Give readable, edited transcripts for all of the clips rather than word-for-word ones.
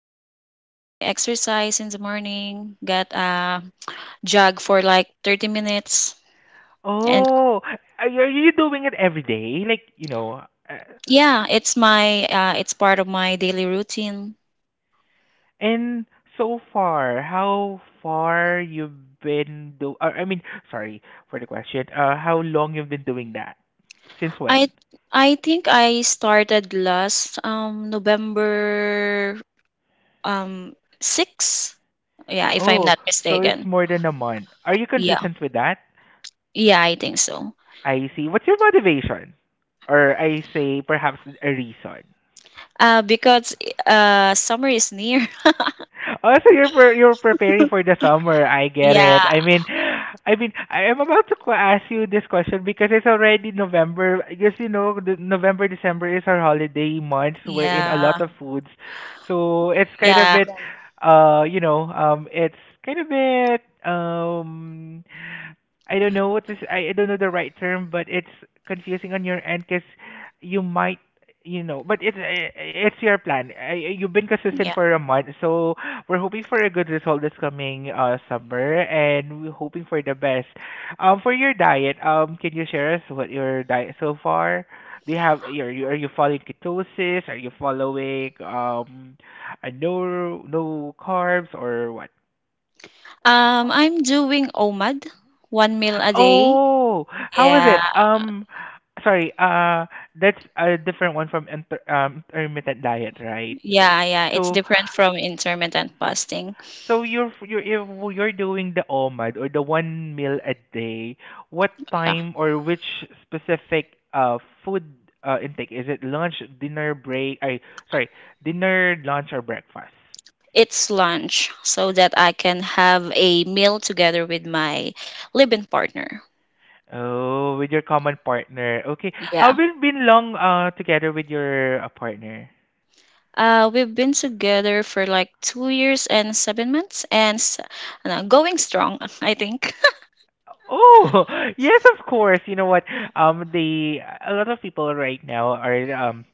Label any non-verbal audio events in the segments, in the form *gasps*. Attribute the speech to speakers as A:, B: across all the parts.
A: early routine, my exercise in the morning, got a jog for like 30 minutes. And
B: Oh, are you doing it every day?
A: yeah, it's part of my daily routine.
B: And so far, how far you've been do I mean, sorry for the question. How long you've been doing that? Since
A: I
B: when?
A: I think I started last November um 6. Yeah, if I'm
B: Oh,
A: not
B: so it's
A: mistaken.
B: more than a month. Are you
A: Yeah.
B: consistent with that?
A: Yeah, I think so.
B: I see. What's your motivation? Or I say perhaps a reason.
A: Because summer is near. *laughs*
B: Also, you're preparing for the summer. I get it.
A: Yeah,
B: I mean, I am about to ask you this question because it's already November. Because you know, the November December is our holiday months. We're in a
A: yeah,
B: lot of foods, so it's kind of
A: yeah,
B: bit. Yeah, it's kind of bit, I don't know what is I don't know the right term, but it's confusing on your end because you might you know, but it's your plan. You've been
A: yeah.
B: consistent for a month, so we're hoping for a good result this coming summer, and we're hoping for the best. For your diet, can you share us what your diet so far? Do you have are you following ketosis? Are you following a no carbs or what?
A: I'm doing OMAD, one meal a day.
B: Oh, how was
A: Yeah,
B: it? Sorry. That's a different one from intermittent diet, right?
A: yeah, yeah. It's
B: So,
A: different from intermittent fasting.
B: so, you're you're if you're doing the OMAD or the one meal a day. What
A: Yeah,
B: time or which specific uh food intake? Is it lunch, dinner, break? Sorry, dinner, lunch, or breakfast?
A: it's lunch so that I can have a meal together with my living partner.
B: Oh, with your common partner. Okay. How
A: Yeah.
B: been long together with your partner?
A: We've been together for like 2 years and 7 months, and going strong, *laughs* I think. *laughs*
B: Oh, *laughs* yes, of course. You know what? The a lot of people right now are um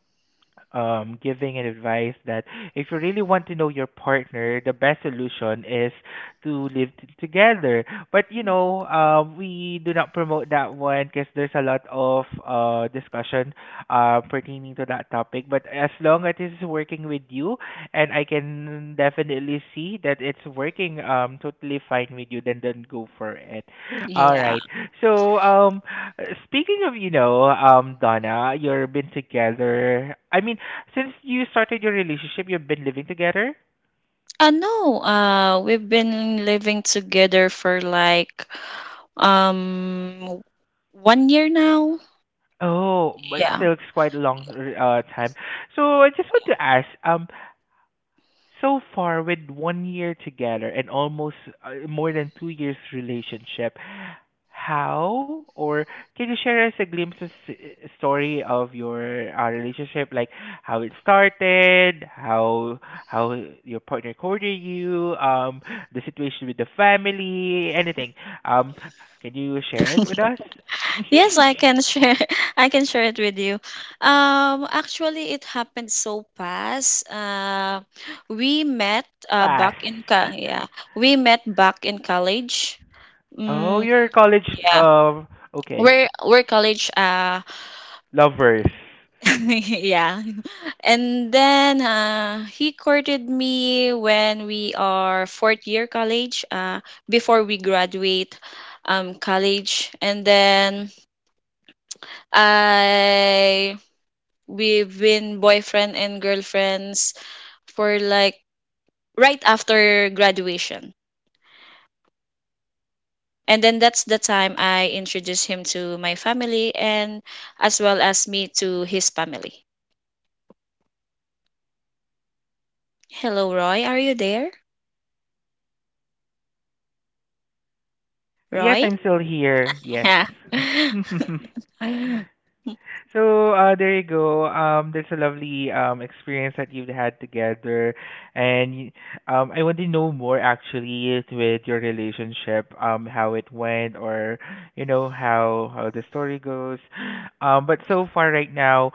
B: um, giving an advice that if you really want to know your partner, the best solution is to live together. But you know, we do not promote that one because there's a lot of discussion pertaining to that topic. But as long as it's working with you, and I can definitely see that it's working totally fine with you, then go for it. All
A: Yeah.
B: right. So speaking of Donna, you've been together. I mean since you started your relationship, you've been living together?
A: No, we've been living together for like um 1 year now.
B: Oh, but
A: Yeah.
B: still it's quite a long time. So I just want to ask, so far with 1 year together and almost more than 2 years relationship, how? Or can you share us a glimpse of story of your relationship, like how it started, how your partner courted you, the situation with the family, anything. Um, can you share it with us?
A: Yes, I can
B: *laughs*
A: share. *laughs* I can share it with you. Actually, it happened so fast. We met
B: Pass.
A: yeah, we met back in college.
B: Oh,
A: Mm,
B: you're a college.
A: yeah,
B: Okay,
A: we're college.
B: lovers.
A: *laughs* Yeah. And then he courted me when we are fourth year college, before we graduate college. And then I we've been boyfriend and girlfriends for like right after graduation. And then that's the time I introduced him to my family and as well as me to his family. Hello, Roy. Are you there?
B: Yes,
A: Roy?
B: I'm still here. Yes.
A: Yeah.
B: *laughs*
A: *laughs*
B: So there you go. That's a lovely experience that you've had together, and y- I want to know more actually with your relationship, how it went, or you know how the story goes. But so far right now,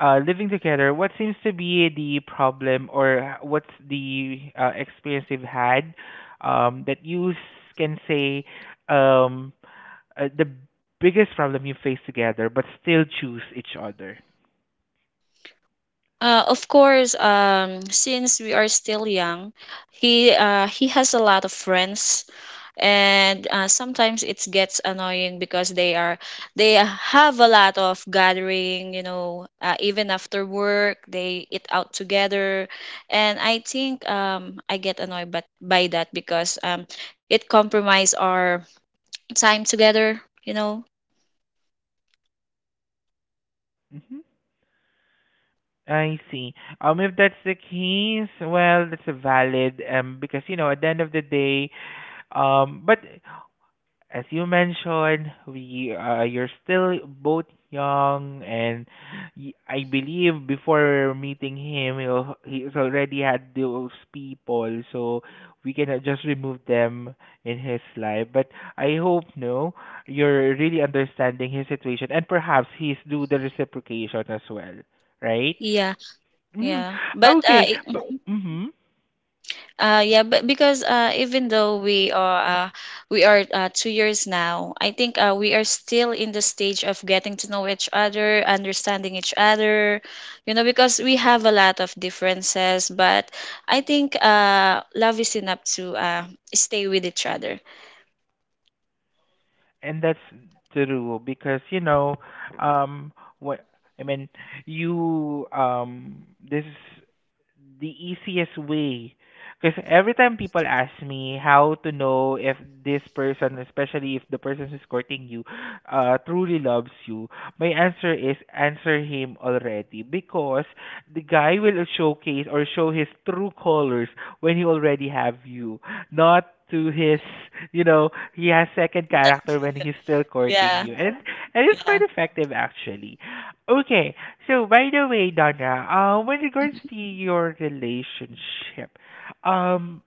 B: living together, what seems to be the problem, or what's the experience you've had, that can say, um the biggest problem you face together, but still choose each other.
A: Of course, since we are still young, he has a lot of friends, and sometimes it gets annoying because they have a lot of gathering. Even after work, they eat out together, and I think I get annoyed but by that because it compromise our time together.
B: Hmm, I see. If that's the case, well, that's a valid because you know at the end of the day, but as you mentioned, we you're still both young, and I believe before meeting him, he's already had those people, so we cannot just remove them in his life. But I hope no, you're really understanding his situation, and perhaps he's do the reciprocation as well, right?
A: Yeah,
B: Mm,
A: yeah. But
B: okay, but right.
A: mm-hmm.
B: Mm-hmm.
A: Yeah, but because even though we are 2 years now, I think we are still in the stage of getting to know each other, understanding each other, because we have a lot of differences. But I think love is enough to stay with each other.
B: And that's the rule because you know um what I mean you this the easiest way. Because every time people ask me how to know if this person, especially if the person who's courting you, truly loves you, my answer is answer him already. Because the guy will showcase or show his true colors when he already have you, not to his, you know, he has second character
A: *laughs*
B: when he's still courting
A: Yeah,
B: you, and it's quite
A: yeah.
B: effective actually. Okay. So by the way, Donna, when regards
A: Mm-hmm.
B: to your relationship, um,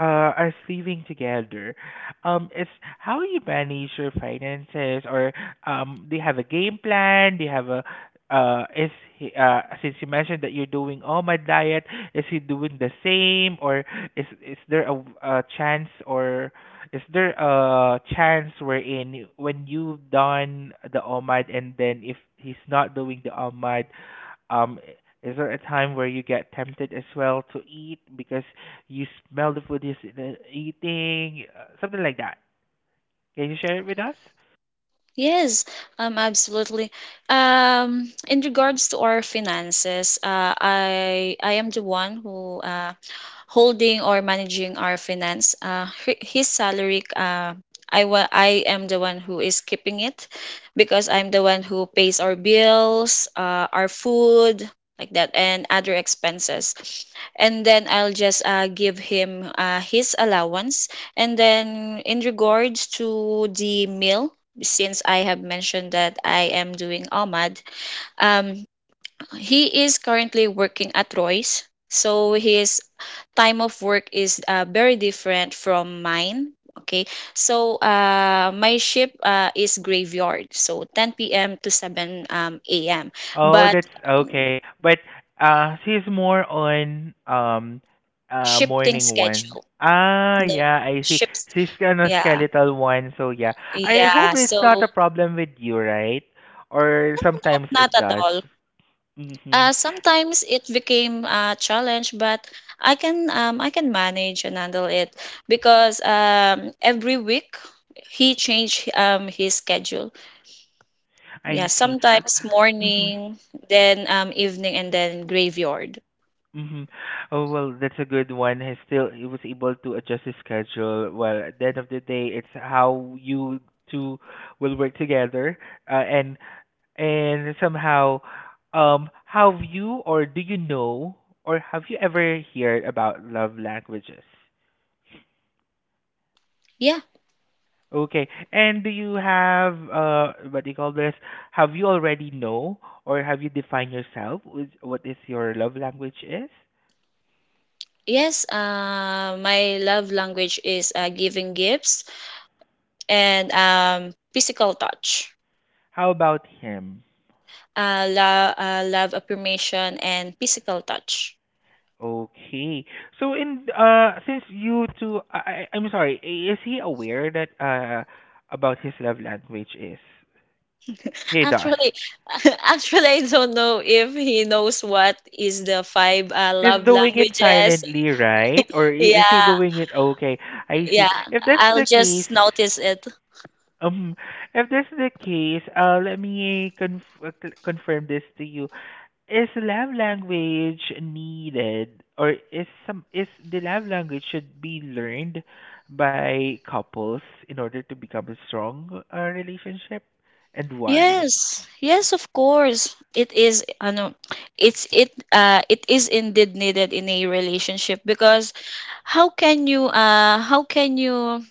B: uh, are sleeping together. It's how you manage your finances, or do you have a game plan? Do you have a is he, since you mentioned that you're doing all my diet, is he doing the same, or is there a chance, or is there a chance wherein when you've done the all and then if he's not doing the all, um, is there a time where you get tempted as well to eat because you smell the food eating, something like that? Can you share it with us?
A: Yes, absolutely. In regards to our finances, I am the one who holding or managing our finance. His salary, I am the one who is keeping it, because I'm the one who pays our bills, our food, like that, and other expenses. And then I'll just give him his allowance. And then in regards to the meal, since I have mentioned that I am doing OMAD, um, he is currently working at Royce. So his time of work is very different from mine. Okay, so my shift is graveyard, so 10 p.m. to 7 a.m.
B: Oh,
A: But
B: that's
A: um,
B: okay. But she's more on
A: shifting
B: morning one.
A: schedule,
B: Ah,
A: no
B: yeah, I see.
A: shifts.
B: She's on a
A: Yeah,
B: skeletal one, so yeah. I hope
A: yeah.
B: it's not
A: So
B: a problem with you, right? Or
A: no, not
B: sometimes
A: not
B: it
A: at
B: does.
A: all.
B: Mhm.
A: Sometimes it became a challenge, but I can manage and handle it because every week he changed his schedule. Yeah,
B: I see.
A: sometimes
B: Mhm.
A: morning, then evening, and then graveyard.
B: Mm-hmm. Oh, well, that's a good one. He still he was able to adjust his schedule. Well, at the end of the day, it's how you two will work together, and and somehow, have you or do you know or have you ever heard about love languages?
A: Yeah,
B: Okay, and do you have what do you call this? Have you already know or have you defined yourself with what is your love language is?
A: yes. My love language is giving gifts and physical touch.
B: How about him?
A: Love affirmation and physical touch.
B: Okay. So in since you two I'm sorry, is he aware that about his love language is? He does.
A: Actually, *laughs* actually, I don't know if he knows what is the five
B: He's
A: love
B: doing it
A: languages.
B: silently, right? Or is he
A: Yeah,
B: doing it okay? I
A: yeah.
B: see. If that's
A: I'll
B: the
A: just
B: case,
A: notice it.
B: um let me confirm this to you. Is love language needed or is some is the love language should be learned by couples in order to become a strong relationship, and why?
A: Yes, yes, of course. It is, I know, it is indeed needed in a relationship because how can you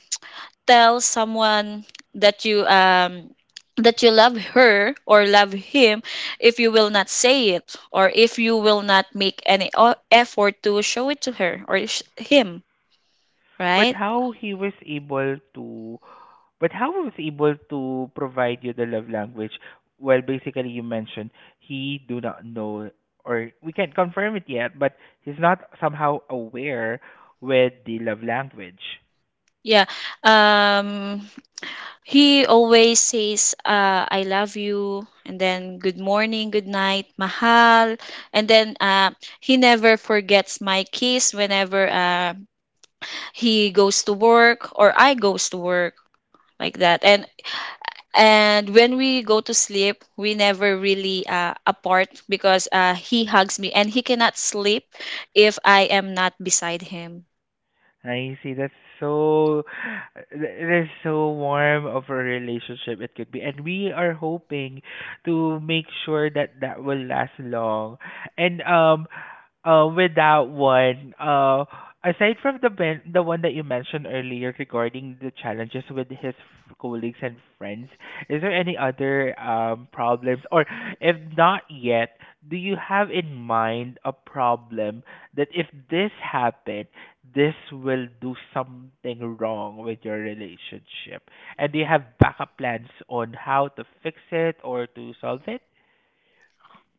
A: tell someone that you um that you love her or love him if you will not say it, or if you will not make any effort to show it to her or him,
B: But
A: right?
B: how he was able to, but how he was able to provide you the love language, well basically you mentioned he do not know or we can't confirm it yet, but he's not somehow aware with the love language.
A: Yeah. um he always says I love you, and then good morning, good night, mahal, and then he never forgets my kiss whenever he goes to work or I goes to work, like that. And when we go to sleep, we never really apart because he hugs me, and he cannot sleep if I am not beside him.
B: I see. That's so, it is so warm of a relationship it could be. And we are hoping to make sure that that will last long. And with that one, aside from the one that you mentioned earlier regarding the challenges with his colleagues and friends, is there any other problems, or if not yet, do you have in mind a problem that if this happened, this will do something wrong with your relationship, and do you have backup plans on how to fix it or to solve it?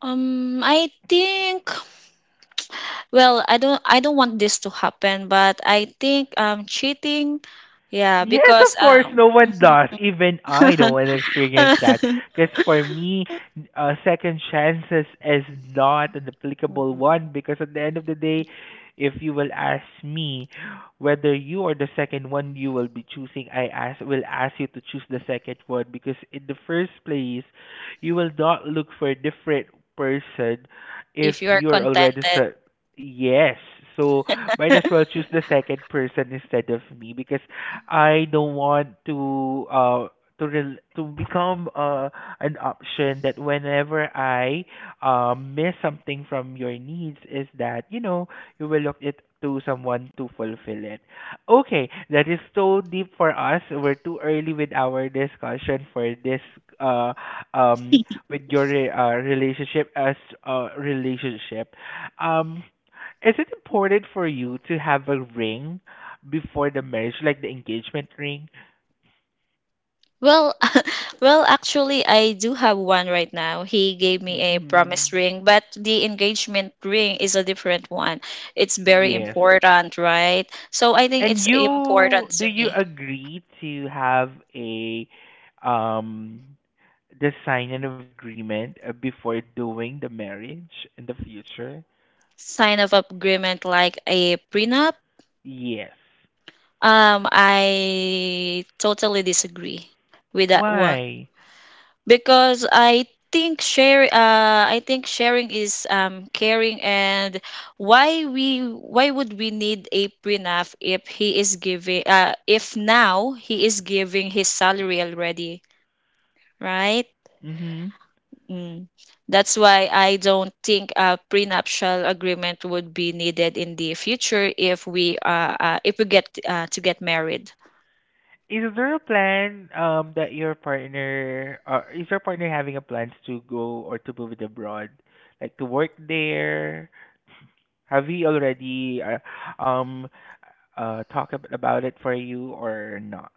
A: I think, well, I don't want this to happen, but I think cheating, yeah,
B: Yes,
A: because
B: of course, no
A: *laughs*
B: one does. Even I don't want to experience that.
A: *laughs*
B: Because for me, second chances is not an applicable one. Because at the end of the day, if you will ask me whether you are the second one you will be choosing, I ask will ask you to choose the second one. Because in the first place, you will not look for a different person if
A: if you are
B: you are already
A: contented.
B: yes. So might as well choose the second person instead of me because I don't want to to become an option that whenever I miss something from your needs is that you know you will look it to someone to fulfill it. Okay, that is so deep for us. We're too early with our discussion for this uh um with relationship as a relationship. Um is it important for you to have a ring before the marriage, like the engagement ring?
A: Well, *laughs* well, actually, I do have one right now. He gave me a
B: Hmm.
A: promise ring, but the engagement ring is a different one. It's very
B: Yes.
A: important, right? So I think
B: And
A: it's
B: you,
A: important
B: do
A: to
B: you
A: me.
B: agree to have a um the signing of agreement before doing the marriage in the future?
A: Sign of agreement like a prenup.
B: Yes.
A: I totally disagree with that one.
B: Why?
A: Because I think sharing is caring, and why would we need a prenup if he is giving if now he is giving his salary already, right?
B: Mm-hmm.
A: Mm. That's why I don't think a prenuptial agreement would be needed in the future if we get to get married.
B: Is there a plan that your partner or is your partner having a plans to go or to move it abroad, like to work there? Have we already talked about it for you or not?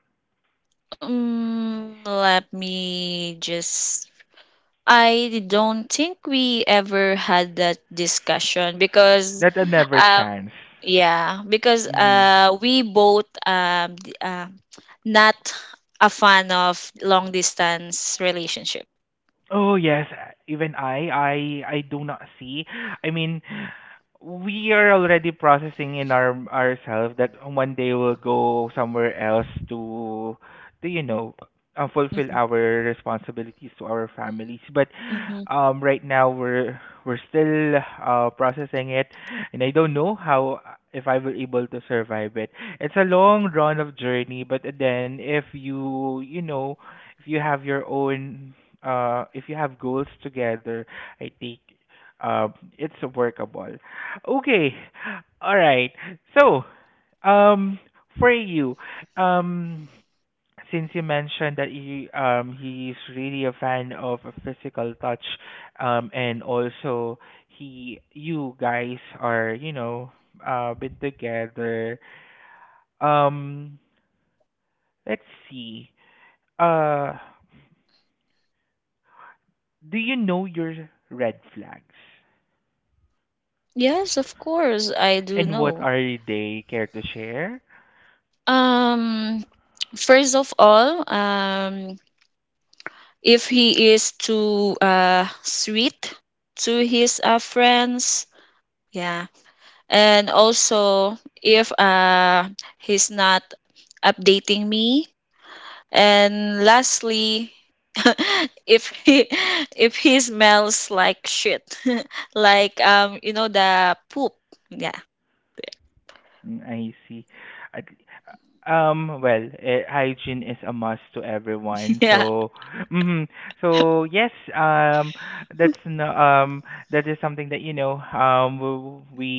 A: Let me just I don't think we ever had that discussion because
B: That a never
A: um
B: chance.
A: yeah, because
B: Mm.
A: we both not a fan of long distance relationship.
B: Oh yes, even I do not see. I mean, we are already processing in our ourselves that one day we'll go somewhere else to, you know, fulfill
A: Mhm.
B: our responsibilities to our families. But
A: Mhm.
B: right now we're still processing it, and I don't know how if I will able to survive it. It's a long drawn of journey, but then if you you know if you have your own if you have goals together, I think it's workable. Okay. All right. So, um, for you, um, since you mentioned that he he's really a fan of a physical touch, and also he you guys are been together. Um, let's see. Uh, do you know your red flags,
A: Yes, of course I do
B: and what
A: know.
B: are they? Care to share?
A: Um First of all, if he is too sweet to his friends, yeah. And also, if he's not updating me. And lastly, *laughs* if he if he smells like shit, *laughs* like you know the poop. Yeah,
B: Mm, I see. At well, hygiene is a must to
A: *laughs*
B: everyone.
A: yeah.
B: So, *laughs* mhm. So yes, that's no, that is something that we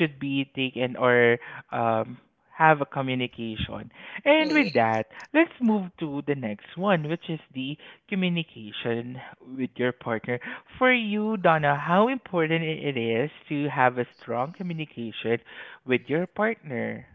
B: should be taken or um have a communication. And with that, let's move to the next one, which is the communication with your partner. For you, Donna, how important it is to have a strong communication with your partner.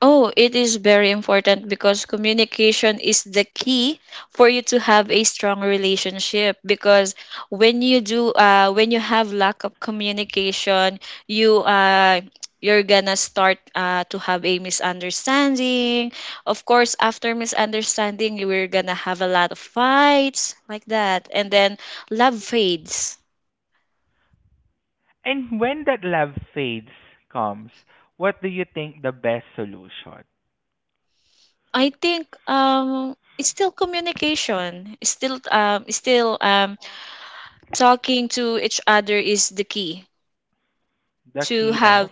A: Oh, it is very important because communication is the key for you to have a strong relationship. Because when you have lack of communication, you uh, you're gonna start to have a misunderstanding. Of course, after misunderstanding, you are gonna have a lot of fights like that, and then love fades.
B: And when that love fades comes, what do you think the best solution?
A: I think it's still communication. It's still Talking to each other is the key
B: The
A: to
B: key
A: have
B: of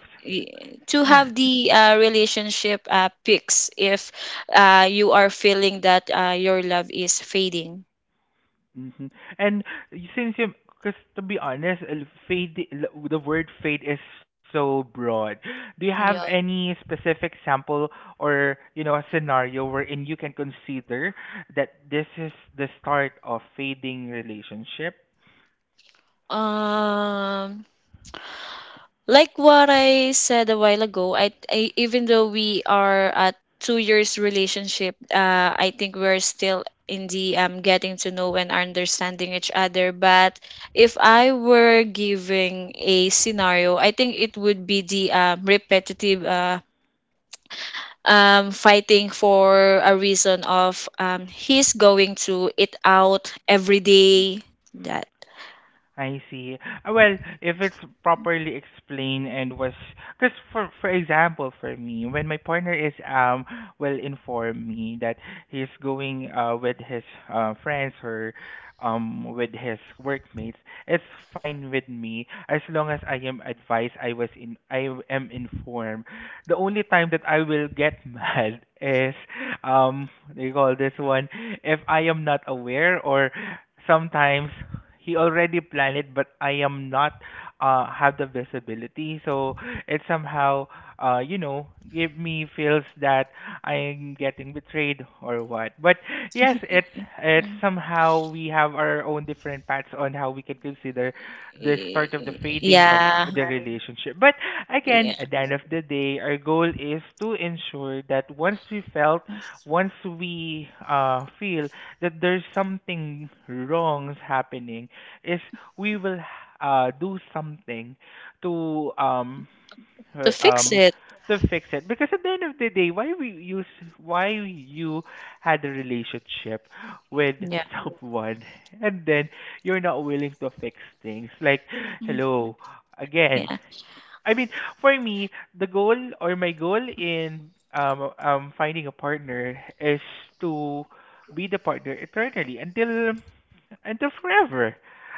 A: to have the relationship picks if you are feeling that your love is fading.
B: hmm. And since you, because to be honest, fade, the word fade is so broad. Do you have
A: Yeah.
B: any specific sample or, you know, a scenario wherein you can consider that this is the start of fading relationship?
A: um Like what I said a while ago, I even though we are at 2 years relationship, I think we're still in the getting to know and understanding each other. But if I were giving a scenario, I think it would be the repetitive fighting for a reason of he's going to eat out every day, that...
B: I see. Well, if it's properly explained and was, because for example, for me, when my partner is well informed me that he's going with his friends or with his workmates, it's fine with me as long as I am advised. I was in I am informed. The only time that I will get *laughs* mad is um they call this one if I am not aware or sometimes he already planned it but I am not have the visibility, so it somehow you know give me feels that I'm getting betrayed or what, but yes, it's
A: *laughs*
B: it's somehow we have our own different paths on how we can consider the start of the
A: Okay.
B: fading of
A: Yeah,
B: the relationship, but again
A: yeah,
B: at the end of the day our goal is to ensure that once we felt once we feel that there's something wrongs happening is we will do something to um uh,
A: to fix
B: um
A: it.
B: to fix it, because at the end of the day why we use why you had a relationship with
A: Yeah.
B: *laughs* someone and then you're not willing to fix things like
A: Mm.
B: hello again.
A: Yeah.
B: I mean, for me, the goal or my goal in finding a partner is to be the partner eternally until forever.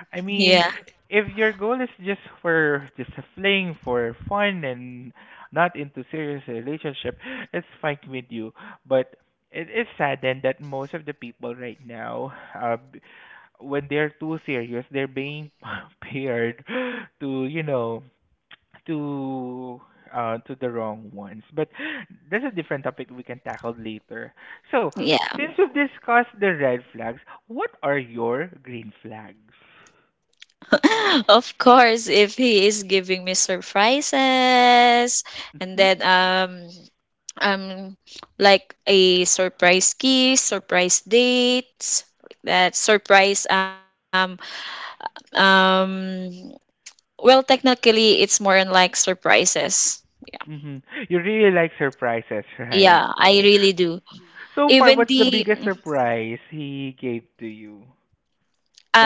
B: I mean,
A: Yeah.
B: if your goal is just for just a fling for fun and not into serious relationship, it's fine with you. But it is sad then that most of the people right now, when they're too serious, they're being *laughs* paired to you know to to the wrong ones. But *gasps* that's a different topic we can tackle later. So
A: Yeah.
B: since Yes, we've discussed the red flags, what are your green flags?
A: *laughs* Of course, if he is giving me surprises, and
B: Hmm?
A: then um like a surprise kiss, surprise date, that surprise um well, technically, it's more on like surprises.
B: Mm-hmm. You really like surprises, *laughs* right?
A: Yeah, I really do.
B: So far,
A: Even
B: what's the
A: the
B: biggest Mm-hmm surprise he gave to you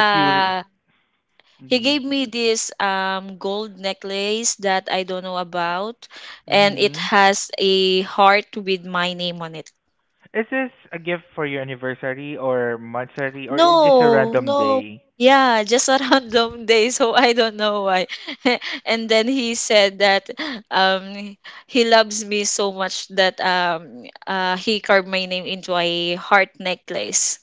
B: that you? Yeah.
A: he
B: Mm-hmm.
A: gave me this gold necklace that I don't know about, and it
B: Mm-hmm.
A: has a heart with my name on it.
B: Is this a gift for your anniversary or monthsary or is just a
A: No,
B: random
A: no.
B: day?
A: Yeah, just a *laughs* random day, so I don't know why. *laughs* And then he said that um, he loves me so much that he carved my name into a heart necklace.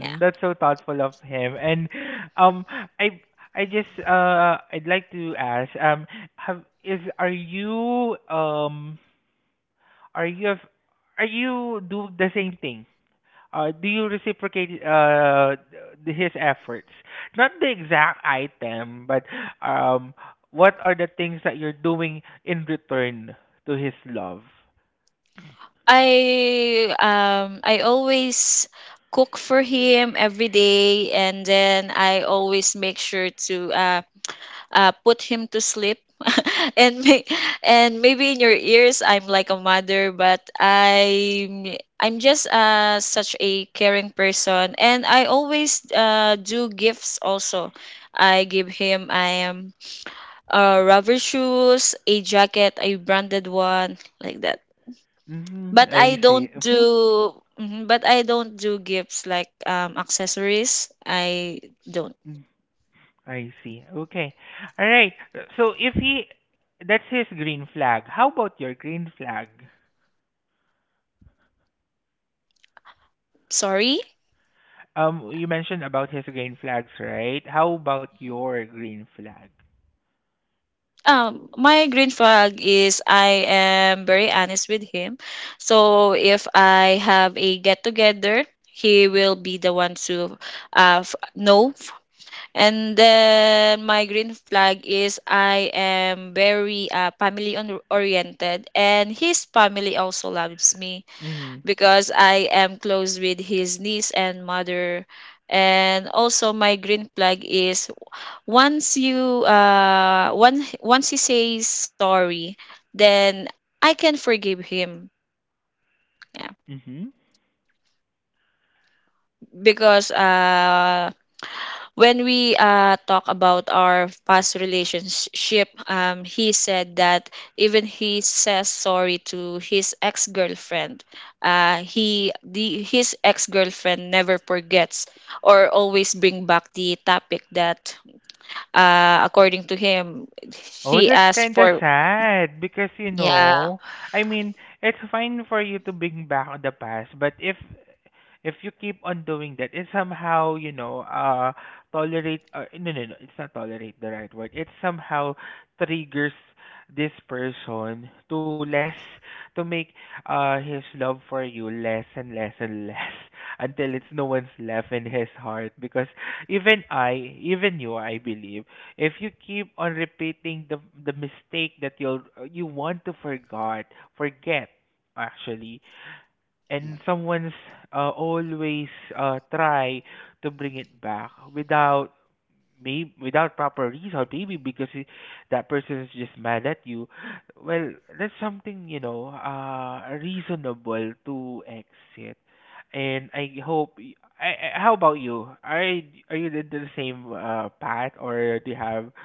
A: Yeah.
B: That's so thoughtful of him. And um I I just I'd like to ask have is are you are you are you do the same thing? Do you reciprocate his efforts? Not the exact item, but um what are the things that you're doing in return to his love?
A: I always cook for him every day, and then I always make sure to put him to sleep, *laughs* and may- and maybe in your ears I'm like a mother, but I'm just such a caring person, and I always do gifts also. I give him, I am rubber shoes, a jacket, a branded one, like that.
B: Mm-hmm. I see. Mm-hmm.
A: But I don't do gifts like accessories. I don't.
B: I see. Okay. All right. So if he that's his green flag. How about your green flag?
A: Sorry.
B: You mentioned about his green flags, right? How about your green flag?
A: My green flag is I am very honest with him. So if I have a get together, he will be the one to know. And then my green flag is I am very family oriented, and his family also loves me.
B: Mhm.
A: Because I am close with his niece and mother. And also my green flag is once you one once he says sorry, then I can forgive him. Yeah.
B: Mhm.
A: Because when we talk about our past relationship, he said that even he says sorry to his ex girlfriend. He the His ex girlfriend never forgets or always bring back the topic that, according to him,
B: Oh,
A: she
B: that's
A: asked
B: kind of
A: for.
B: sad because you
A: Yeah.
B: know, I mean, it's fine for you to bring back the past, but if you keep on doing that, it somehow, you know, tolerate, no, no, no, it's not tolerate the right word. It somehow triggers this person to less, to make his love for you less and less and less *laughs* until it's no one's left in his heart. Because even I, even you, I believe, if you keep on repeating the mistake that you'll you want to forgot forget actually and someone's always try to bring it back without maybe without proper reason maybe because it, that person is just mad at you well that's something you know reasonable to exit, and I hope how about you? Are are you the same path or do you have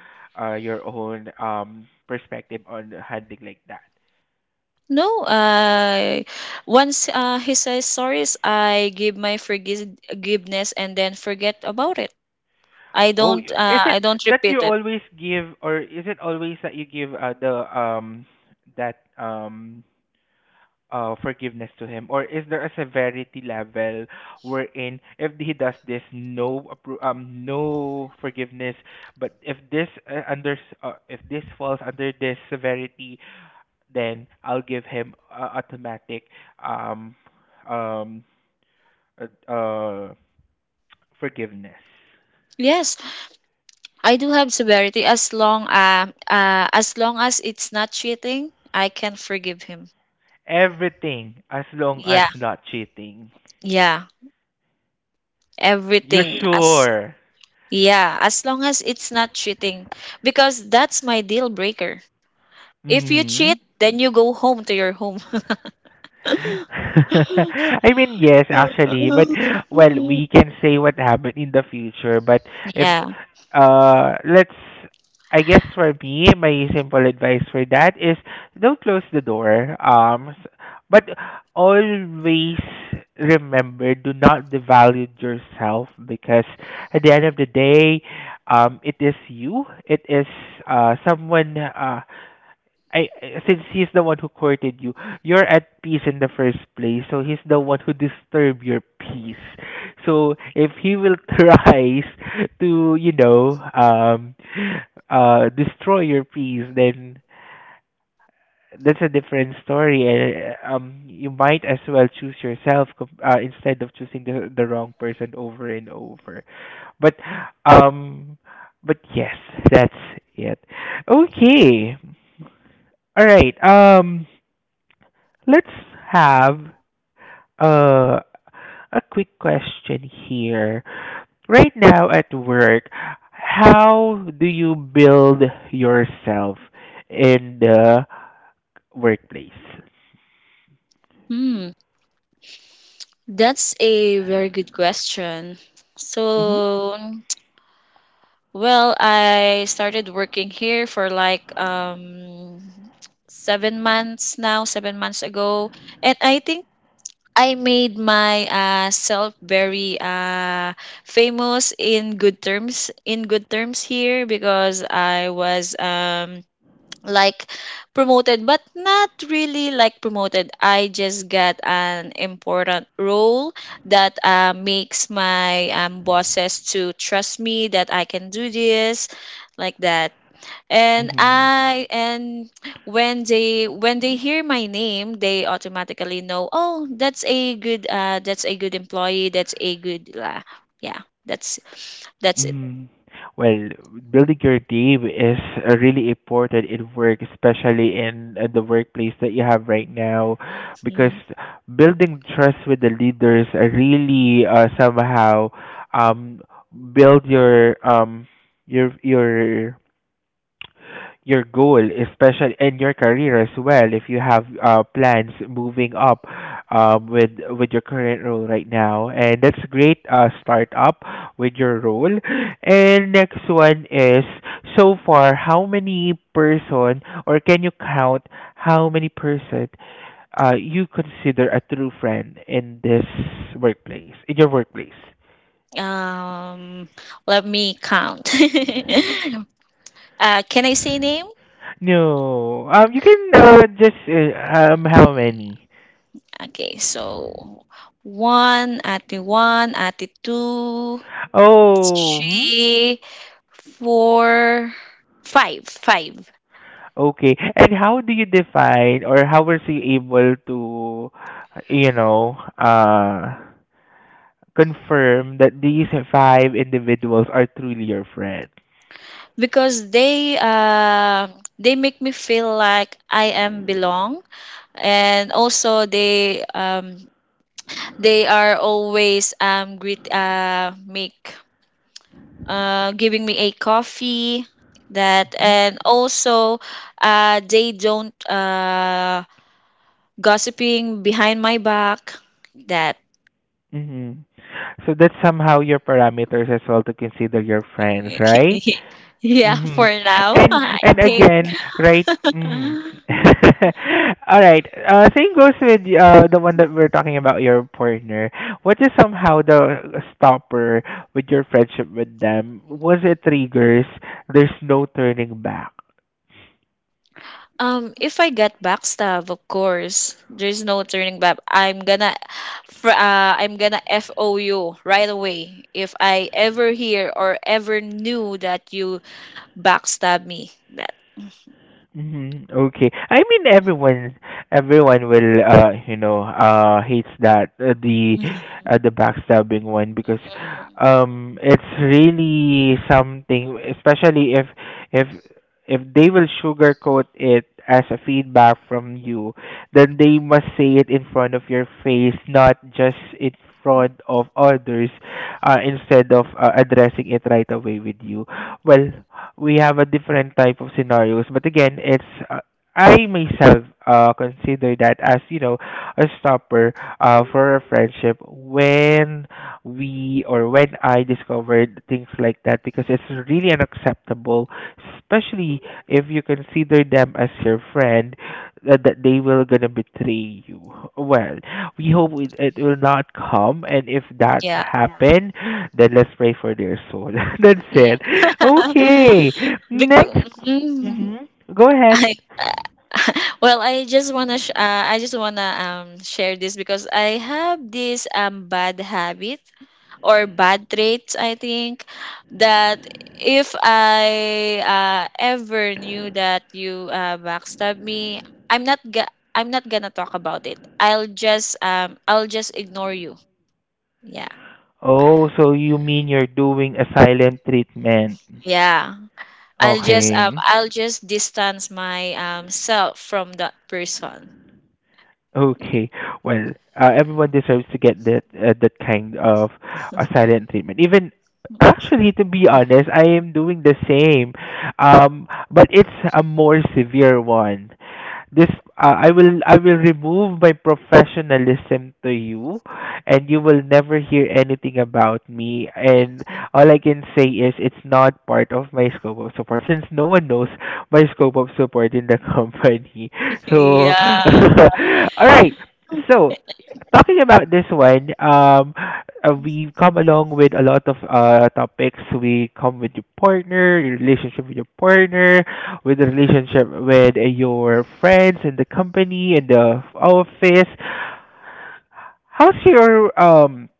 B: your own perspective on handling like that?
A: No, once he says sorry, I give my forgiveness and then forget about it.
B: Oh, is it
A: I don't
B: that
A: repeat
B: you
A: it.
B: always give, or is it always that you give the that forgiveness to him, or is there a severity level wherein if he does this, no no forgiveness, but if this under if this falls under this severity, then I'll give him automatic um um uh, uh forgiveness.
A: Yes, I do have severity, as long as it's not cheating, I can forgive him.
B: Everything as long as
A: Yeah,
B: not cheating.
A: yeah,
B: You
A: everything as
B: sure?
A: yeah, as long as it's not cheating, because that's my deal breaker. If you
B: Hmm.
A: cheat, then you go home to your home.
B: *laughs* I mean, yes, actually, but well, we
A: *laughs*
B: can say what happened in the future. But if
A: Yeah.
B: let's, I guess for me, my simple advice for that is don't close the door. But always remember, do not devalue yourself because at the end of the day, it is you. It is someone since he's the one who courted you, you're at peace in the first place. So he's the one who disturbed your peace. So if he will *laughs* tries to, you know, destroy your peace, then that's a different story. And you might as well choose yourself instead of choosing the wrong person over and over. But um, but yes, that's it. Okay. All right. Let's have a a quick question here. Right now at work, how do you build yourself in the workplace?
A: Hmm. That's a very good question.
B: Mm-hmm.
A: So Well, I started working here for like 7 months now, 7 months ago. And I think I made my self very famous in good terms here because I was like promoted, but not really like promoted. I just got an important role that makes my bosses to trust me that I can do this, like that. And
B: Mm-hmm.
A: I and When they hear my name, they automatically know, "Oh, that's a good employee, that's a good yeah, that's that's it."
B: Mm. Well, building your team is really important in work, especially in the workplace that you have right now, because
A: Mm.
B: building trust with the leaders are really somehow um build your your your your goal, especially in your career as well, if you have plans moving up with your current role right now, and that's great start up with your role. And next one is so far, how many person or can you count how many person you consider a true friend in this workplace, in your workplace?
A: um Let me count. *laughs* Can I say name?
B: No, you can just how many?
A: Okay, so one, ate two,
B: Oh, hmm?
A: three, four, five, five.
B: Okay. And how do you define, or how was you able to, you know, confirm that these five individuals are truly your friends?
A: Because they make me feel like I am belong, and also they are always greet make giving me a coffee, that,
B: Hmm.
A: and also they don't gossiping behind my back, that.
B: Hmm. So that's somehow your parameters as well to consider your friends,
A: *laughs*
B: right?
A: Yeah,
B: Mm-hmm.
A: for now. *laughs*
B: And
A: I
B: and
A: think
B: again, right? Mm. *laughs* All right. Same goes with the one that we're talking about, your partner. What is somehow the stopper with your friendship with them? Was it triggers? There's no turning back.
A: if I get backstab, of course there's no turning back. I'm gonna fo you right away if I ever hear or ever knew that you backstab me, that.
B: Mhm. Okay. I mean everyone everyone will you know hates that
A: Mhm.
B: the backstabbing one, because it's really something especially if if they will sugarcoat it as a feedback from you then they must say it in front of your face not just in front of others instead of addressing it right away with you. Well, we have a different type of scenarios, but again, it's uh, I myself consider that as you know a stopper for a friendship when we or when I discovered things like that because it's really unacceptable, especially if you consider them as your friend that that they will gonna betray you. Well, we hope it, it will not come, and if that Yeah
A: Yeah,
B: happen, then let's pray for their soul. *laughs* That's
A: yeah.
B: it.
A: *laughs*
B: Okay, next.
A: Because
B: Hmm. Go ahead.
A: I, *laughs* well, I just wanna share this because I have this bad habit or bad traits, I think, that if I ever knew that you backstab me, I'm not gonna talk about it. I'll just ignore you. Yeah.
B: Oh, so you mean you're doing a silent treatment?
A: Yeah. I'll just um
B: Okay.
A: I'll just distance my self from that person.
B: Okay. Well, everyone deserves to get that that kind of silent treatment. Even *coughs* actually, to be honest, I am doing the same, but it's a more severe one. This I will remove my professionalism to you, and you will never hear anything about me. And
A: *laughs*
B: all I can say is it's not part of my scope of support since no one knows my scope of support in the *laughs* company. So, *laughs*
A: Yeah.
B: all right. So, talking about this one, we've come along with a lot of topics. We come with your partner, your relationship with your partner, with the relationship with your friends and the company and the office. How's your um?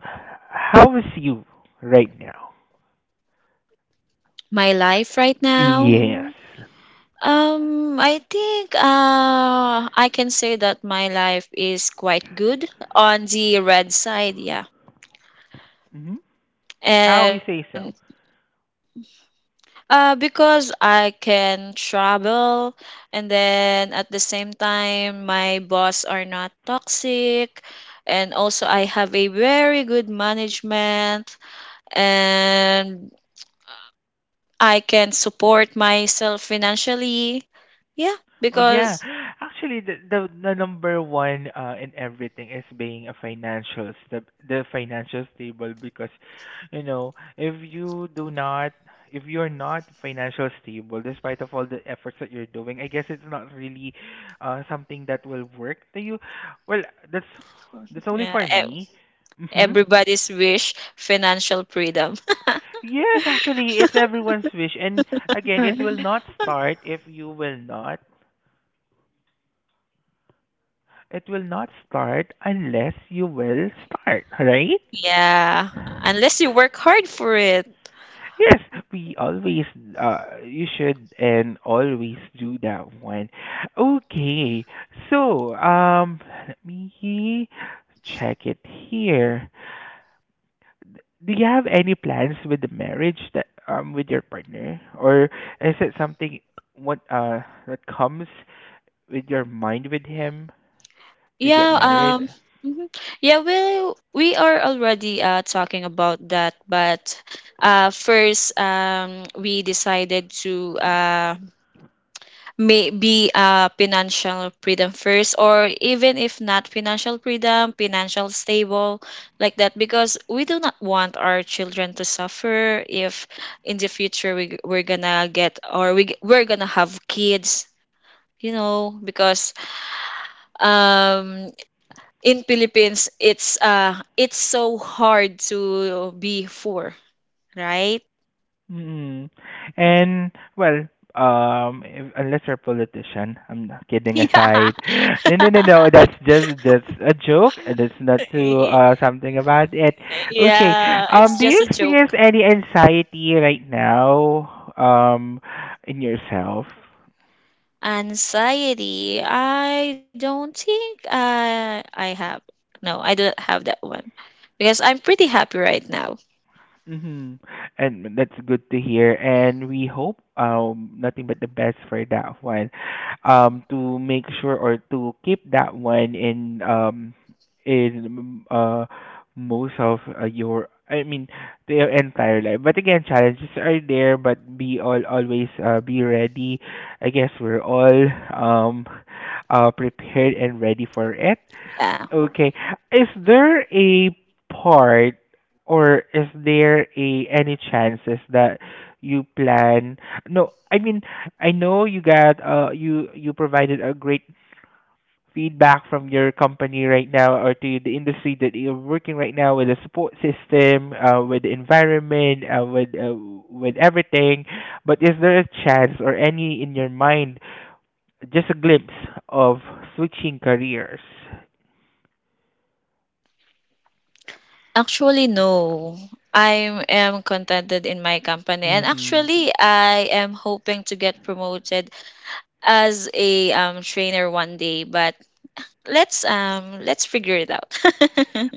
B: How is you right now?
A: My life right now? I think I can say that my life is quite good on the red side, yeah.
B: Mm-hmm. How you
A: And
B: say so?
A: because I can travel, and then at the same time my boss are not toxic, and also I have a very good management, and I can support myself financially. Yeah,
B: Oh yeah,
A: because.
B: actually the number one in everything is being a financial the financial stable because you know if you do not if you're not financial stable despite of all the efforts that you're doing, I guess it's not really something that will work to you. Well, that's that's only
A: Yeah, *laughs*
B: for me. Mhm.
A: everybody's wish, financial freedom.
B: Yes, actually, it's everyone's wish. And again, it will
A: *laughs*
B: not start if you will not. It will not start unless you will start, right?
A: Yeah, unless you work hard for it.
B: Yes, we always, you should and always do that one. Okay, so, let me check it here. Do you have any plans with the marriage that, with your partner? Or is it something what, that comes with your mind with him to get
A: Yeah,
B: married?
A: mhm. Yeah, well, we are already talking about that, but first, we decided to maybe financial freedom first, or even if not financial freedom, financial stable, like that, because we do not want our children to suffer if in the future we're gonna get, or we're gonna have kids. Because um in philippines, it's it's so hard to be poor, right.
B: Mm.
A: *laughs*
B: And well, if, unless you're a politician, I'm not kidding aside. *gasps* No, no, no, no. That's just a joke. And That's not to
A: Yeah.
B: something about it.
A: *laughs*
B: Okay.
A: Yeah, it's
B: Do
A: just
B: you
A: a
B: experience
A: joke.
B: any anxiety right now? In yourself?
A: Anxiety. I don't think I have. No, I don't have that one. Because I'm pretty happy right now.
B: Mm-hmm. And that's good to hear. And we hope nothing but the best for that one. Um, to make sure or to keep that one in most of your I mean their entire life. But again, challenges are there, but be all always be ready. I guess we're all um prepared and ready for it.
A: Yeah.
B: Okay. Is there a part or is there a any chances that you plan? No, I mean, I know you got you provided a great feedback from your company right now or to the industry that you're working right now with the support system, with the environment, with everything. But is there a chance or any in your mind, just a glimpse of switching careers?
A: Actually no. I am contented in my company, and
B: Mm-hmm.
A: actually I am hoping to get promoted as a trainer one day, but let's figure it out.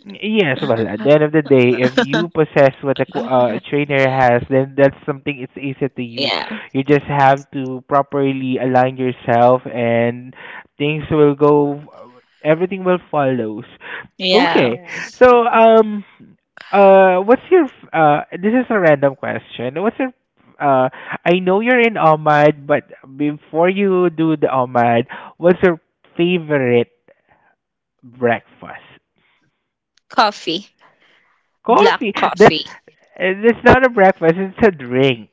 B: Yes, well, at the end of the day, if you possess what a a trainer
A: *laughs* Yeah.
B: has, then that's something it's easy to you.
A: Yeah.
B: You just have to properly align yourself, and things will go. Everything will follows.
A: Yeah.
B: Okay, so what's your uh? This is a random question. What's your uh? I know you're in Ahmad, but before you do the Ahmad, what's your favorite breakfast?
A: Coffee. Black
B: Coffee.
A: coffee.
B: That's not a breakfast. It's a drink.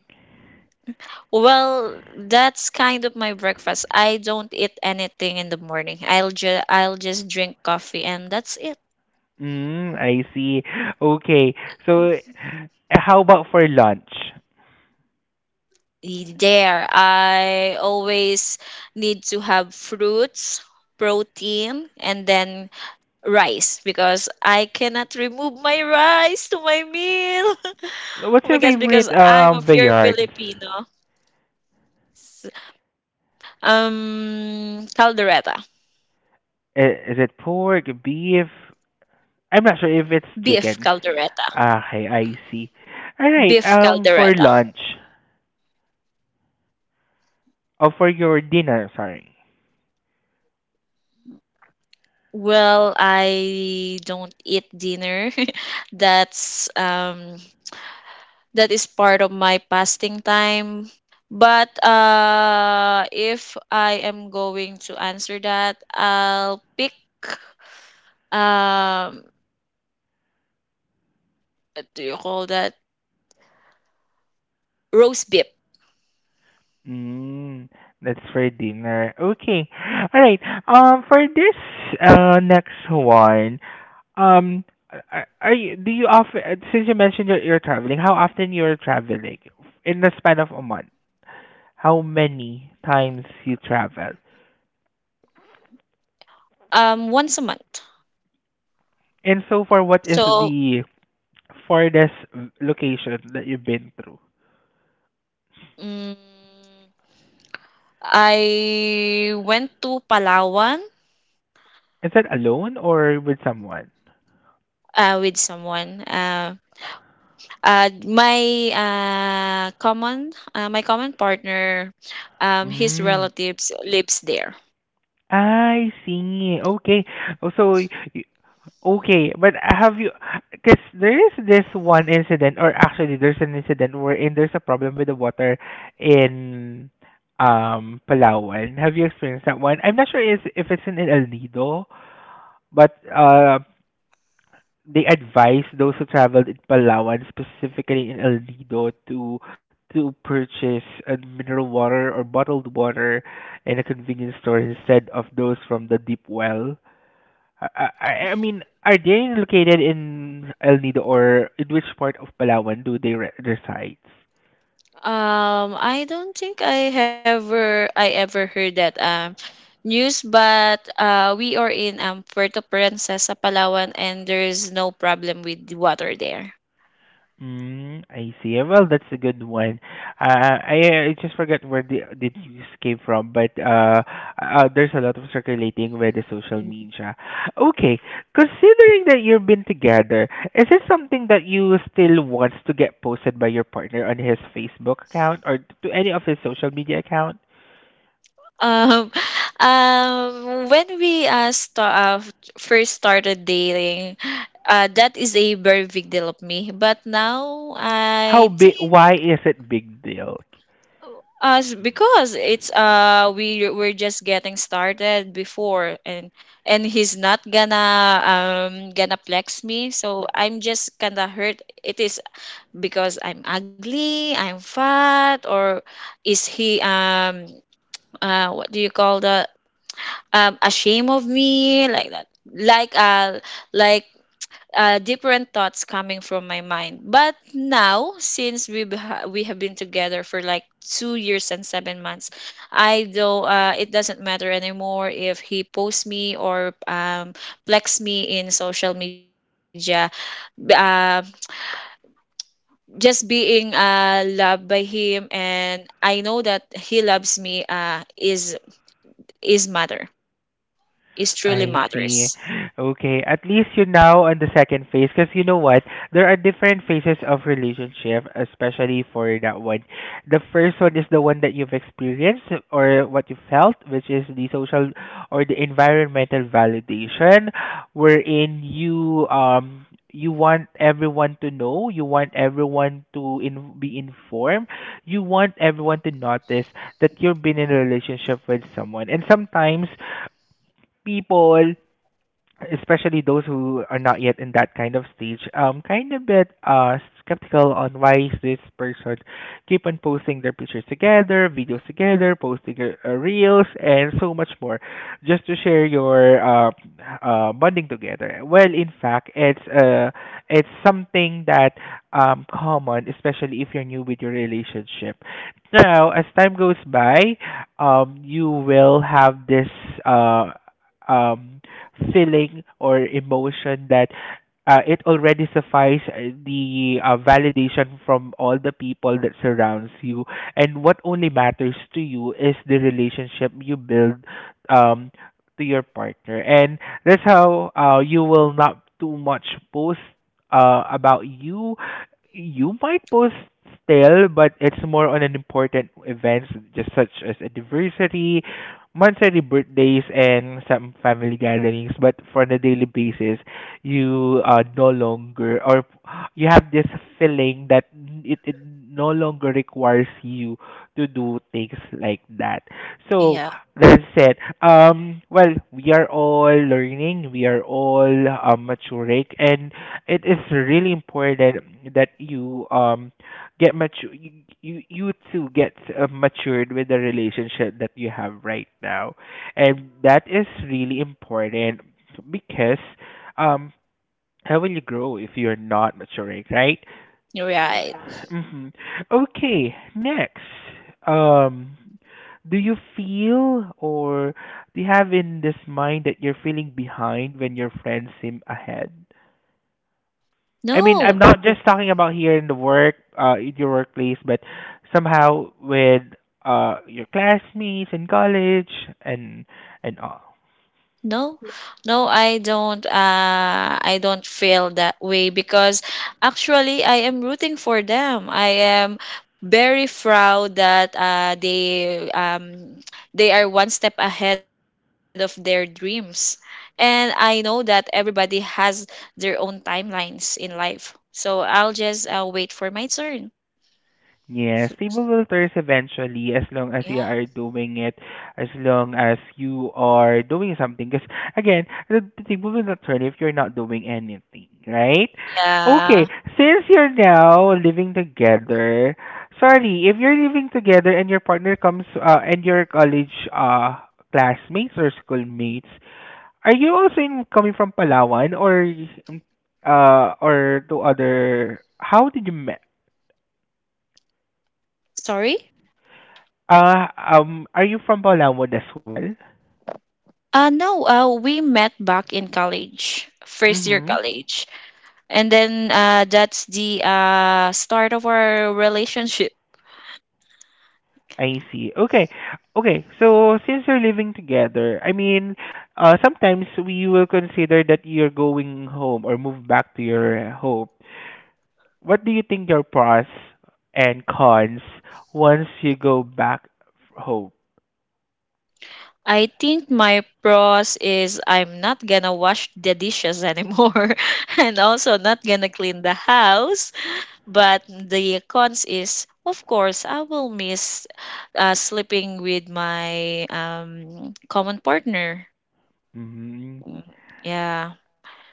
A: Well, that's kind of my breakfast. I don't eat anything in the morning. I'll just drink coffee, and that's it.
B: Mm, I see. Okay. So, how about for lunch?
A: There, I always need to have fruits, protein, and then rice because I cannot remove my rice to my meal. *laughs*
B: What's
A: Oh my
B: your
A: gosh, because
B: favorite
A: I'm a pure
B: viands?
A: Filipino. S- Um, caldereta,
B: Is it pork, beef? I'm not sure if it's
A: beef
B: chicken.
A: caldereta,
B: Ah, okay, I see. All right.
A: beef
B: For
A: caldereta.
B: lunch or for your dinner? Sorry.
A: Well, I don't eat dinner. *laughs* That's um that is part of my fasting time. But if I am going to answer that, I'll pick um what do you call that? Roast beef.
B: Mm, that's for dinner. Okay. All right. For this next one, um, are you do you often since you mentioned you're traveling, how often you're traveling in the span of a month? How many times you travel?
A: Once a month.
B: And so for what is
A: So,
B: the farthest location that you've been through?
A: mm I went to Palawan.
B: Is that alone or with someone?
A: With someone. My common my common partner, his
B: Mm.
A: relatives lives there.
B: I see. Okay. Oh, so okay, but have you? Because there is this one incident, or actually, there's an incident wherein there's a problem with the water in Palawan. Have you experienced that one? I'm not sure is if it's in El Nido, but they advise those who traveled in Palawan, specifically in El Nido, to purchase mineral water or bottled water in a convenience store instead of those from the deep well I mean, are they located in El Nido or in which part of Palawan do they reside?
A: I don't think I ever heard that news, but we are in Puerto Princesa, Palawan, and there is no problem with water there.
B: Mm, I see. Eh, well, that's a good one. I just forgot where the news came from, but there's a lot of circulating with the social media. Okay, considering that you've been together, is it something that you still wants to get posted by your partner on his Facebook account or to any of his social media account?
A: Um, *laughs* um, when we first started dating, that is a very big deal of me. But now
B: How
A: I
B: big?
A: think
B: Why is it big deal?
A: us, because it's we're just getting started before, and he's not gonna flex me, so I'm just kinda hurt. It is because I'm ugly, I'm fat, or is he what do you call that, ashamed of me, like that, like different thoughts coming from my mind. But now, since we have been together for like 2 years and 7 months, I don't it doesn't matter anymore if he posts me or flex me in social media. Uh, just being loved by him, and I know that he loves me. Is matter is Truly
B: I see.
A: matters.
B: Okay, at least you're now on the second phase because you know what? There are different phases of relationship, especially for that one. The first one is the one that you've experienced or what you felt, which is the social or the environmental validation, wherein you you want everyone to know, you want everyone to be informed, you want everyone to notice that you've been in a relationship with someone. And sometimes people especially those who are not yet in that kind of stage, kind of bit skeptical on why is this person keep on posting their pictures together, videos together, posting reels, and so much more, just to share your bonding together. Well, in fact, it's something that common, especially if you're new with your relationship. Now, as time goes by, you will have this uh um feeling or emotion that it already suffice the validation from all the people that surrounds you and what only matters to you is the relationship you build um to your partner and that's how you will not too much post about you you might post still but it's more on an important events just such as anniversary monthly birthdays and some family gatherings, but for the daily basis, you no longer or you have this feeling that it no longer requires you to do things like that. So
A: Yeah,
B: that said, well, we are all learning, we are all maturing, and it is really important that you get mature you too get matured with the relationship that you have right now and that is really important because um how will you grow if you're not maturing right?
A: right.
B: Hmm. Okay, next, um, do you feel or do you have in this mind that you're feeling behind when your friends seem ahead? I mean,
A: No,
B: I'm not just talking about here in the work, in your workplace, but somehow with your classmates in college and and all.
A: no, no, I don't. I don't feel that way because actually I am rooting for them. I am very proud that they are one step ahead of their dreams, and I know that everybody has their own timelines in life. So I'll just wait for my turn. S-
B: Yes,
A: s-
B: table filters eventually, as long as you
A: Yeah,
B: are doing it, as long as you are doing something. Because again, the table will not turn if you're not doing anything, right? Okay,
A: yeah.
B: since you're now living together, sorry, if you're living together and your partner comes and your college classmates or schoolmates, are you also coming from Palawan um, or to other? How did you met?
A: Sorry.
B: Are you from Palawan as well?
A: No, we met back in college, first year
B: Mm-hmm.
A: college. And then that's the start of our relationship.
B: I see. Okay. Okay. So since you're living together, I mean, sometimes we will consider that you're going home or move back to your home. What do you think your pros and cons once you go back home?
A: I think my pros is I'm not gonna wash the dishes anymore, *laughs* and also not gonna clean the house. But the cons is, of course, I will miss sleeping with my common partner.
B: Mm-hmm.
A: Mm. Yeah.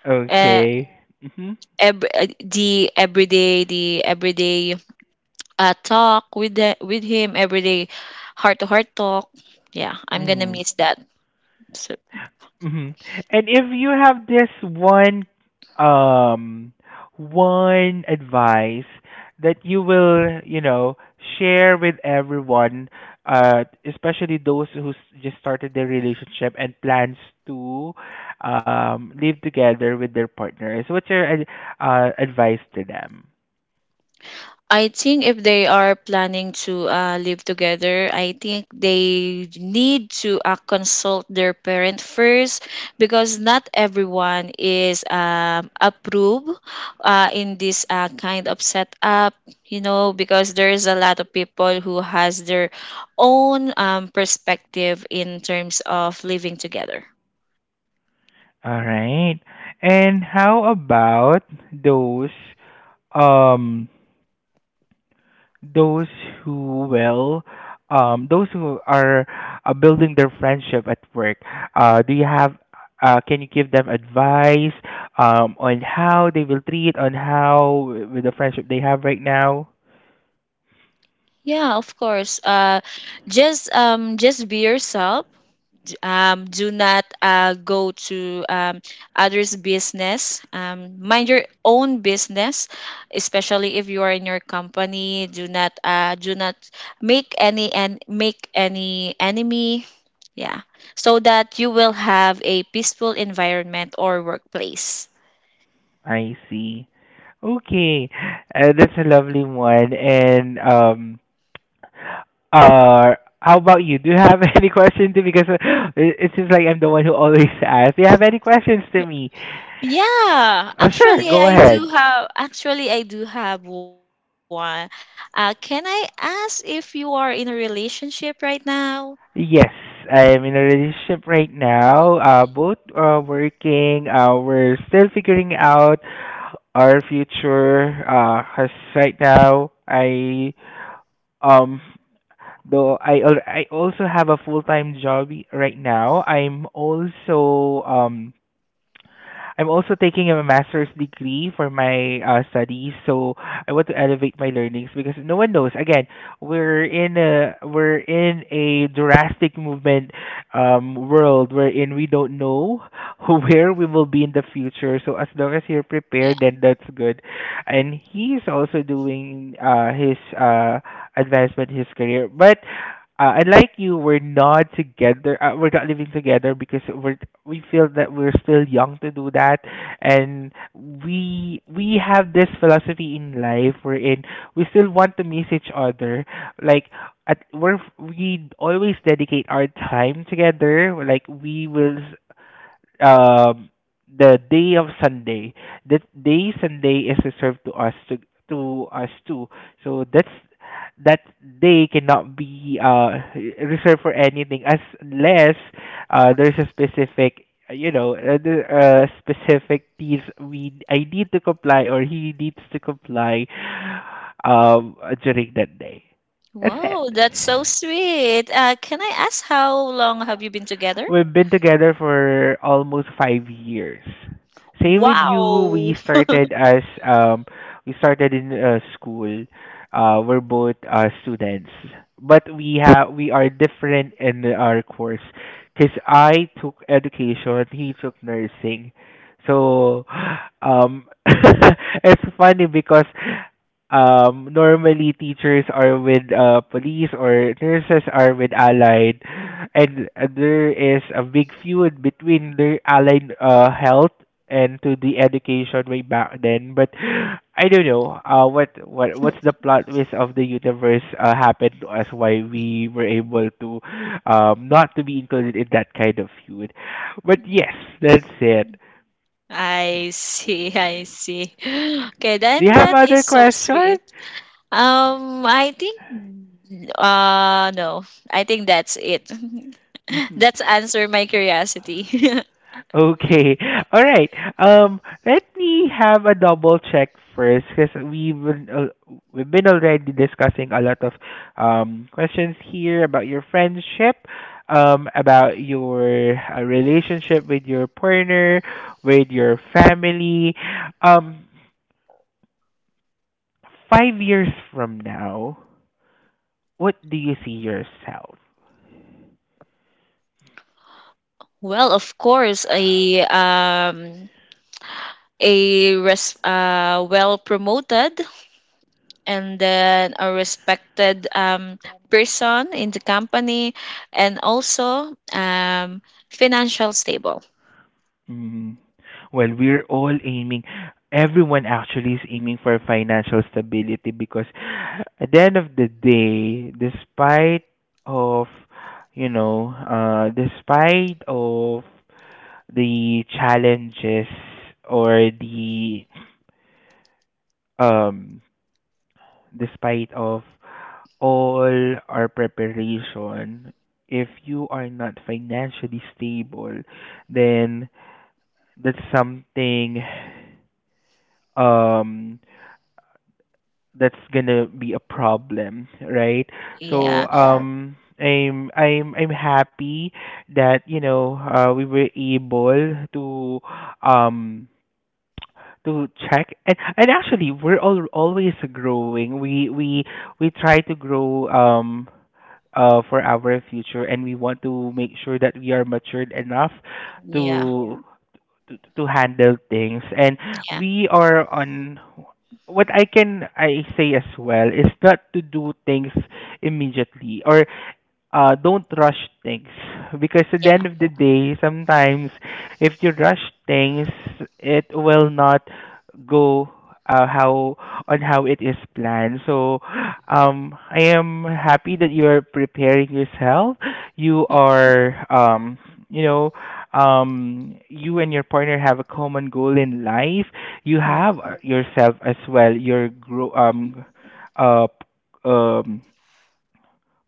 B: Okay. Mm-hmm.
A: The everyday talk with him, everyday heart to heart talk. Yeah, I'm gonna
B: Mm-hmm.
A: miss that, so.
B: Hmm. And if you have this one um one advice that you will, you know, share with everyone, especially those who just started their relationship and plans to live together with their partners. What's your advice to them?
A: I think if they are planning to live together, I think they need to consult their parent first, because not everyone is approved in this kind of setup. You know, because there is a lot of people who has their own perspective in terms of living together.
B: All right. And how about those um those who will those who are building their friendship at work do you have can you give them advice on how they will treat on with the friendship they have right now?
A: Yeah, of course. Just be yourself. Do not go to others' business. Mind your own business, especially if you are in your company. Do not make any enemy. Yeah, so that you will have a peaceful environment or workplace.
B: I see. Okay, that's a lovely one and uh how about you, do you have *laughs* any questions to because it seems like I'm the one who always *laughs* asks, do you have any questions to me?
A: Yeah,
B: Uh, sure,
A: actually
B: go
A: I do
B: ahead.
A: have actually I do have one. Can I ask if you are in a relationship right now?
B: Yes, I am in a relationship right now. Both are working. We're still figuring out our future. 'Cause right now I um though I also have a full time job right now. I'm also taking a master's degree for my studies, so I want to elevate my learnings because no one knows. Again, we're in a drastic movement world wherein we don't know *laughs* where we will be in the future. So as long as you're prepared, then that's good. And he's also doing his advancement, his career, but unlike you, we're not together. We're not living together because we're we feel that we're still young to do that, and we have this philosophy in life wherein we still want to miss each other. Like at we always dedicate our time together. Like we will um the day of Sunday. That day Sunday is reserved to us too. So that's that day cannot be reserved for anything as unless there's a specific you know the specific things we I need to comply or he needs to comply um during that day. That's it.
A: Wow, that's so sweet. Can I ask how long have you been together?
B: We've been together for almost 5 years. Same with you.
A: Wow.
B: We started as we started in school. We're both students, but we are different in our course. Cause I took education, he took nursing. So, *gasps* um, *laughs* it's funny because normally teachers are with police or nurses are with allied and there is a big feud between the allied health and to the education way back then but I don't know what's the plot twist of the universe happened to us why we were able to not to be included in that kind of feud but yes
A: *laughs*
B: that's it.
A: Mm, I see, I see. *gasps* Okay,
B: Do you
A: then
B: have
A: that is
B: other
A: so sweet.
B: questions?
A: I think, no, I think that's it. *laughs* That's
B: *laughs*
A: answer my curiosity.
B: Okay. All right. Let me have a double check first, because we've been already discussing a lot of questions here about your friendship, about your relationship with your partner, with your family. Um, 5 years from now, what do you see yourself?
A: *laughs* Well, of course, a well promoted and then a respected person in the company, and also financial stable.
B: Mm. Well, we're all aiming. Everyone actually is aiming for financial stability because at the end of the day, despite of despite of the challenges or the um, despite of all our preparation, if you are not financially stable, then that's something um that's gonna be a problem, right? So
A: Yeah,
B: yes. I'm happy that we were able um to check and actually we're all always growing. We try to grow for our future and we want to make sure that we are matured enough
A: yeah,
B: to to handle things and
A: yeah,
B: we are on. What I can I say as well is not to do things immediately or don't rush things because at the end
A: yeah.
B: of the day, sometimes if you rush things, it will not go how on how it is planned. So, I am happy that you are preparing yourself. You
A: Mm.
B: are, you know, you and your partner have a common goal in life. You
A: Yeah,
B: have yourself as well. Your grow, uh, um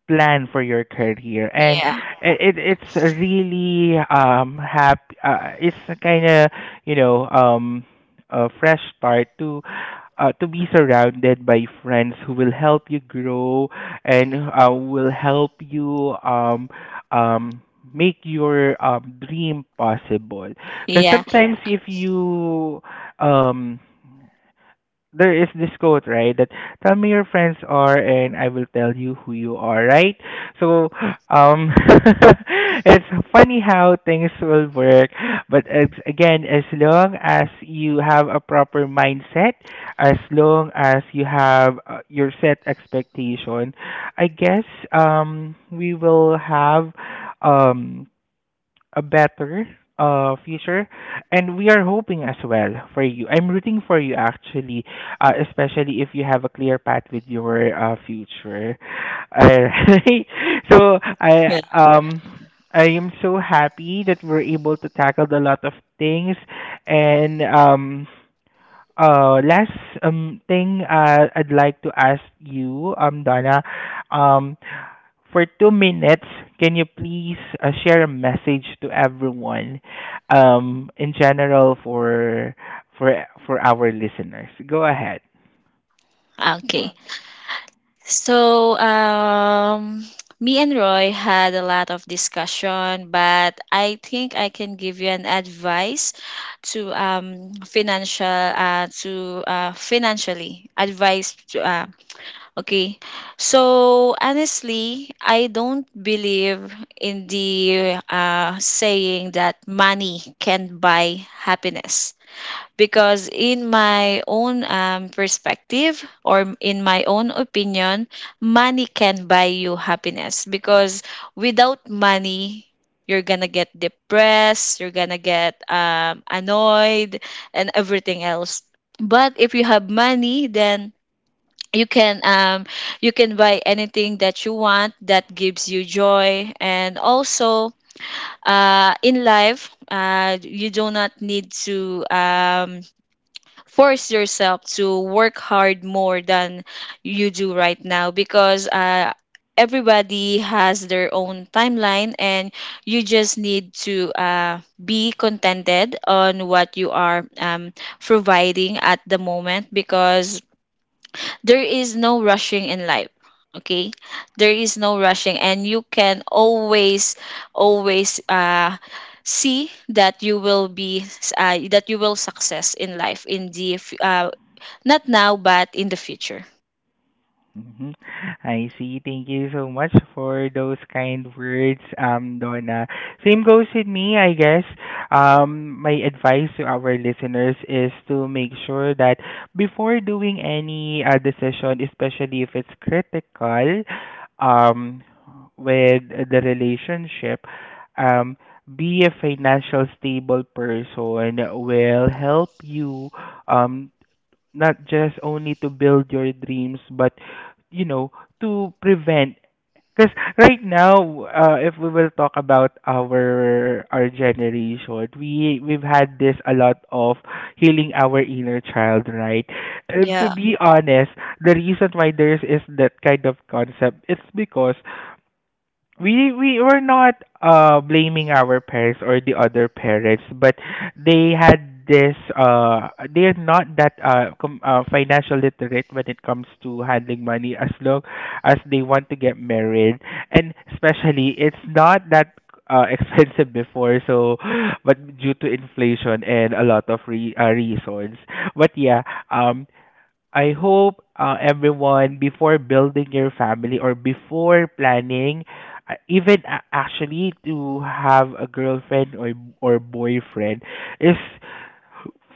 B: plan for your career and
A: yeah,
B: it's really happy it's kind of you know a fresh start to be surrounded by friends who will help you grow and will help you um make your dream possible because yes,
A: yeah,
B: sometimes yes, if you um there is this quote, right? That tell me your friends are, and I will tell you who you are, right? So, um, *laughs* it's funny how things will work, but it's, again, as long as you have a proper mindset, as long as you have your set expectation, I guess we will have um a better future and we are hoping as well for you. I'm rooting for you, actually, especially if you have a clear path with your future. Alright. *laughs* So
A: yeah.
B: um I am so happy that we're able to tackle a lot of things and last thing I'd like to ask you, um, Donna, um, for 2 minutes, can you please share a message to everyone, in general for for our listeners? Go ahead.
A: Okay, so me and Roy had a lot of discussion, but I think I can give you an advice to financially advice to, okay. So honestly, I don't believe in the saying that money can buy happiness. Because in my own perspective, or in my own opinion, money can buy you happiness. Because without money, you're gonna get depressed, you're gonna get annoyed, and everything else. But if you have money, then you can um you can buy anything that you want, that gives you joy. And also, in life, you do not need to force yourself to work hard more than you do right now, because everybody has their own timeline, and you just need to be contented on what you are providing at the moment, because there is no rushing in life. Okay. There is no rushing, and you can always see that you will be, that you will success in life, not now, but in the future.
B: Mhm. I see. Thank you so much for those kind words, Donna. Same goes with me, I guess. My advice to our listeners is to make sure that before doing any decision, especially if it's critical, um, with the relationship, um, be a financial stable person will help you um not just only to build your dreams but you know to prevent because right now, if we will talk about our generation, we've had this a lot of healing our inner child, right? And to
A: Yeah.
B: be honest, the reason why there is that kind of concept it's because we were not blaming our parents or the other parents but they had this they're not that financial literate when it comes to handling money as long as they want to get married and especially it's not that *laughs* expensive before so but due to inflation and a lot of reasons but yeah, um, I hope, everyone, before building your family or before planning, actually to have a girlfriend or boyfriend, is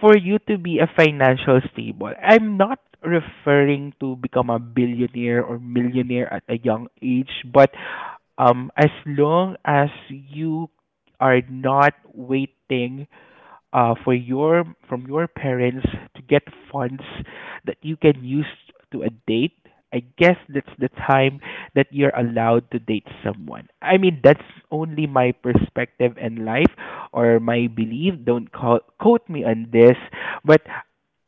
B: for you to be a financial stable. I'm not referring to become a billionaire or millionaire at a young age, but as long as you are not waiting for your from your parents to get funds that you can use to a date, I guess that's the time that you're allowed to date someone. I mean, that's only my perspective in life or my belief. Don't call, quote me on this, but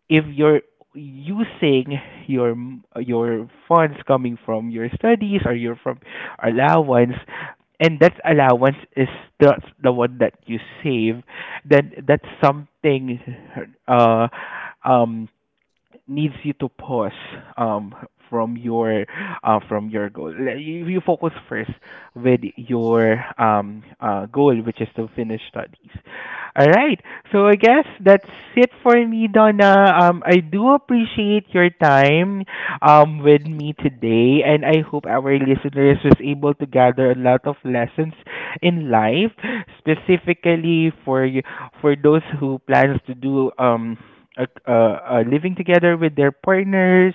B: if you're using your your funds coming from your studies or your from allowance and that allowance is the the one that you save then that's something uh um needs you to pause um from your from your goal. Like, you focus first with your goal, which is to finish studies. All right. So I guess that's it for me, Donna. I do appreciate your time with me today, and I hope our listeners was able to gather a lot of lessons in life, specifically for those who plans to do living together with their partners,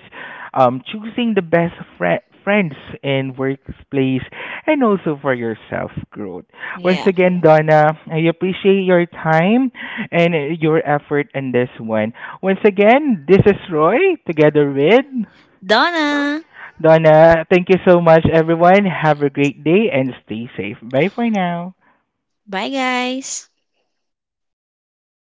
B: choosing the best friends and workplace, and also for your self growth. Once
A: Yeah.
B: again, Donna, I appreciate your time and your effort in this one. Once again, this is Roy together with
A: Donna.
B: Donna. Thank you so much, everyone. Have a great day and stay safe. Bye for now.
A: Bye, guys.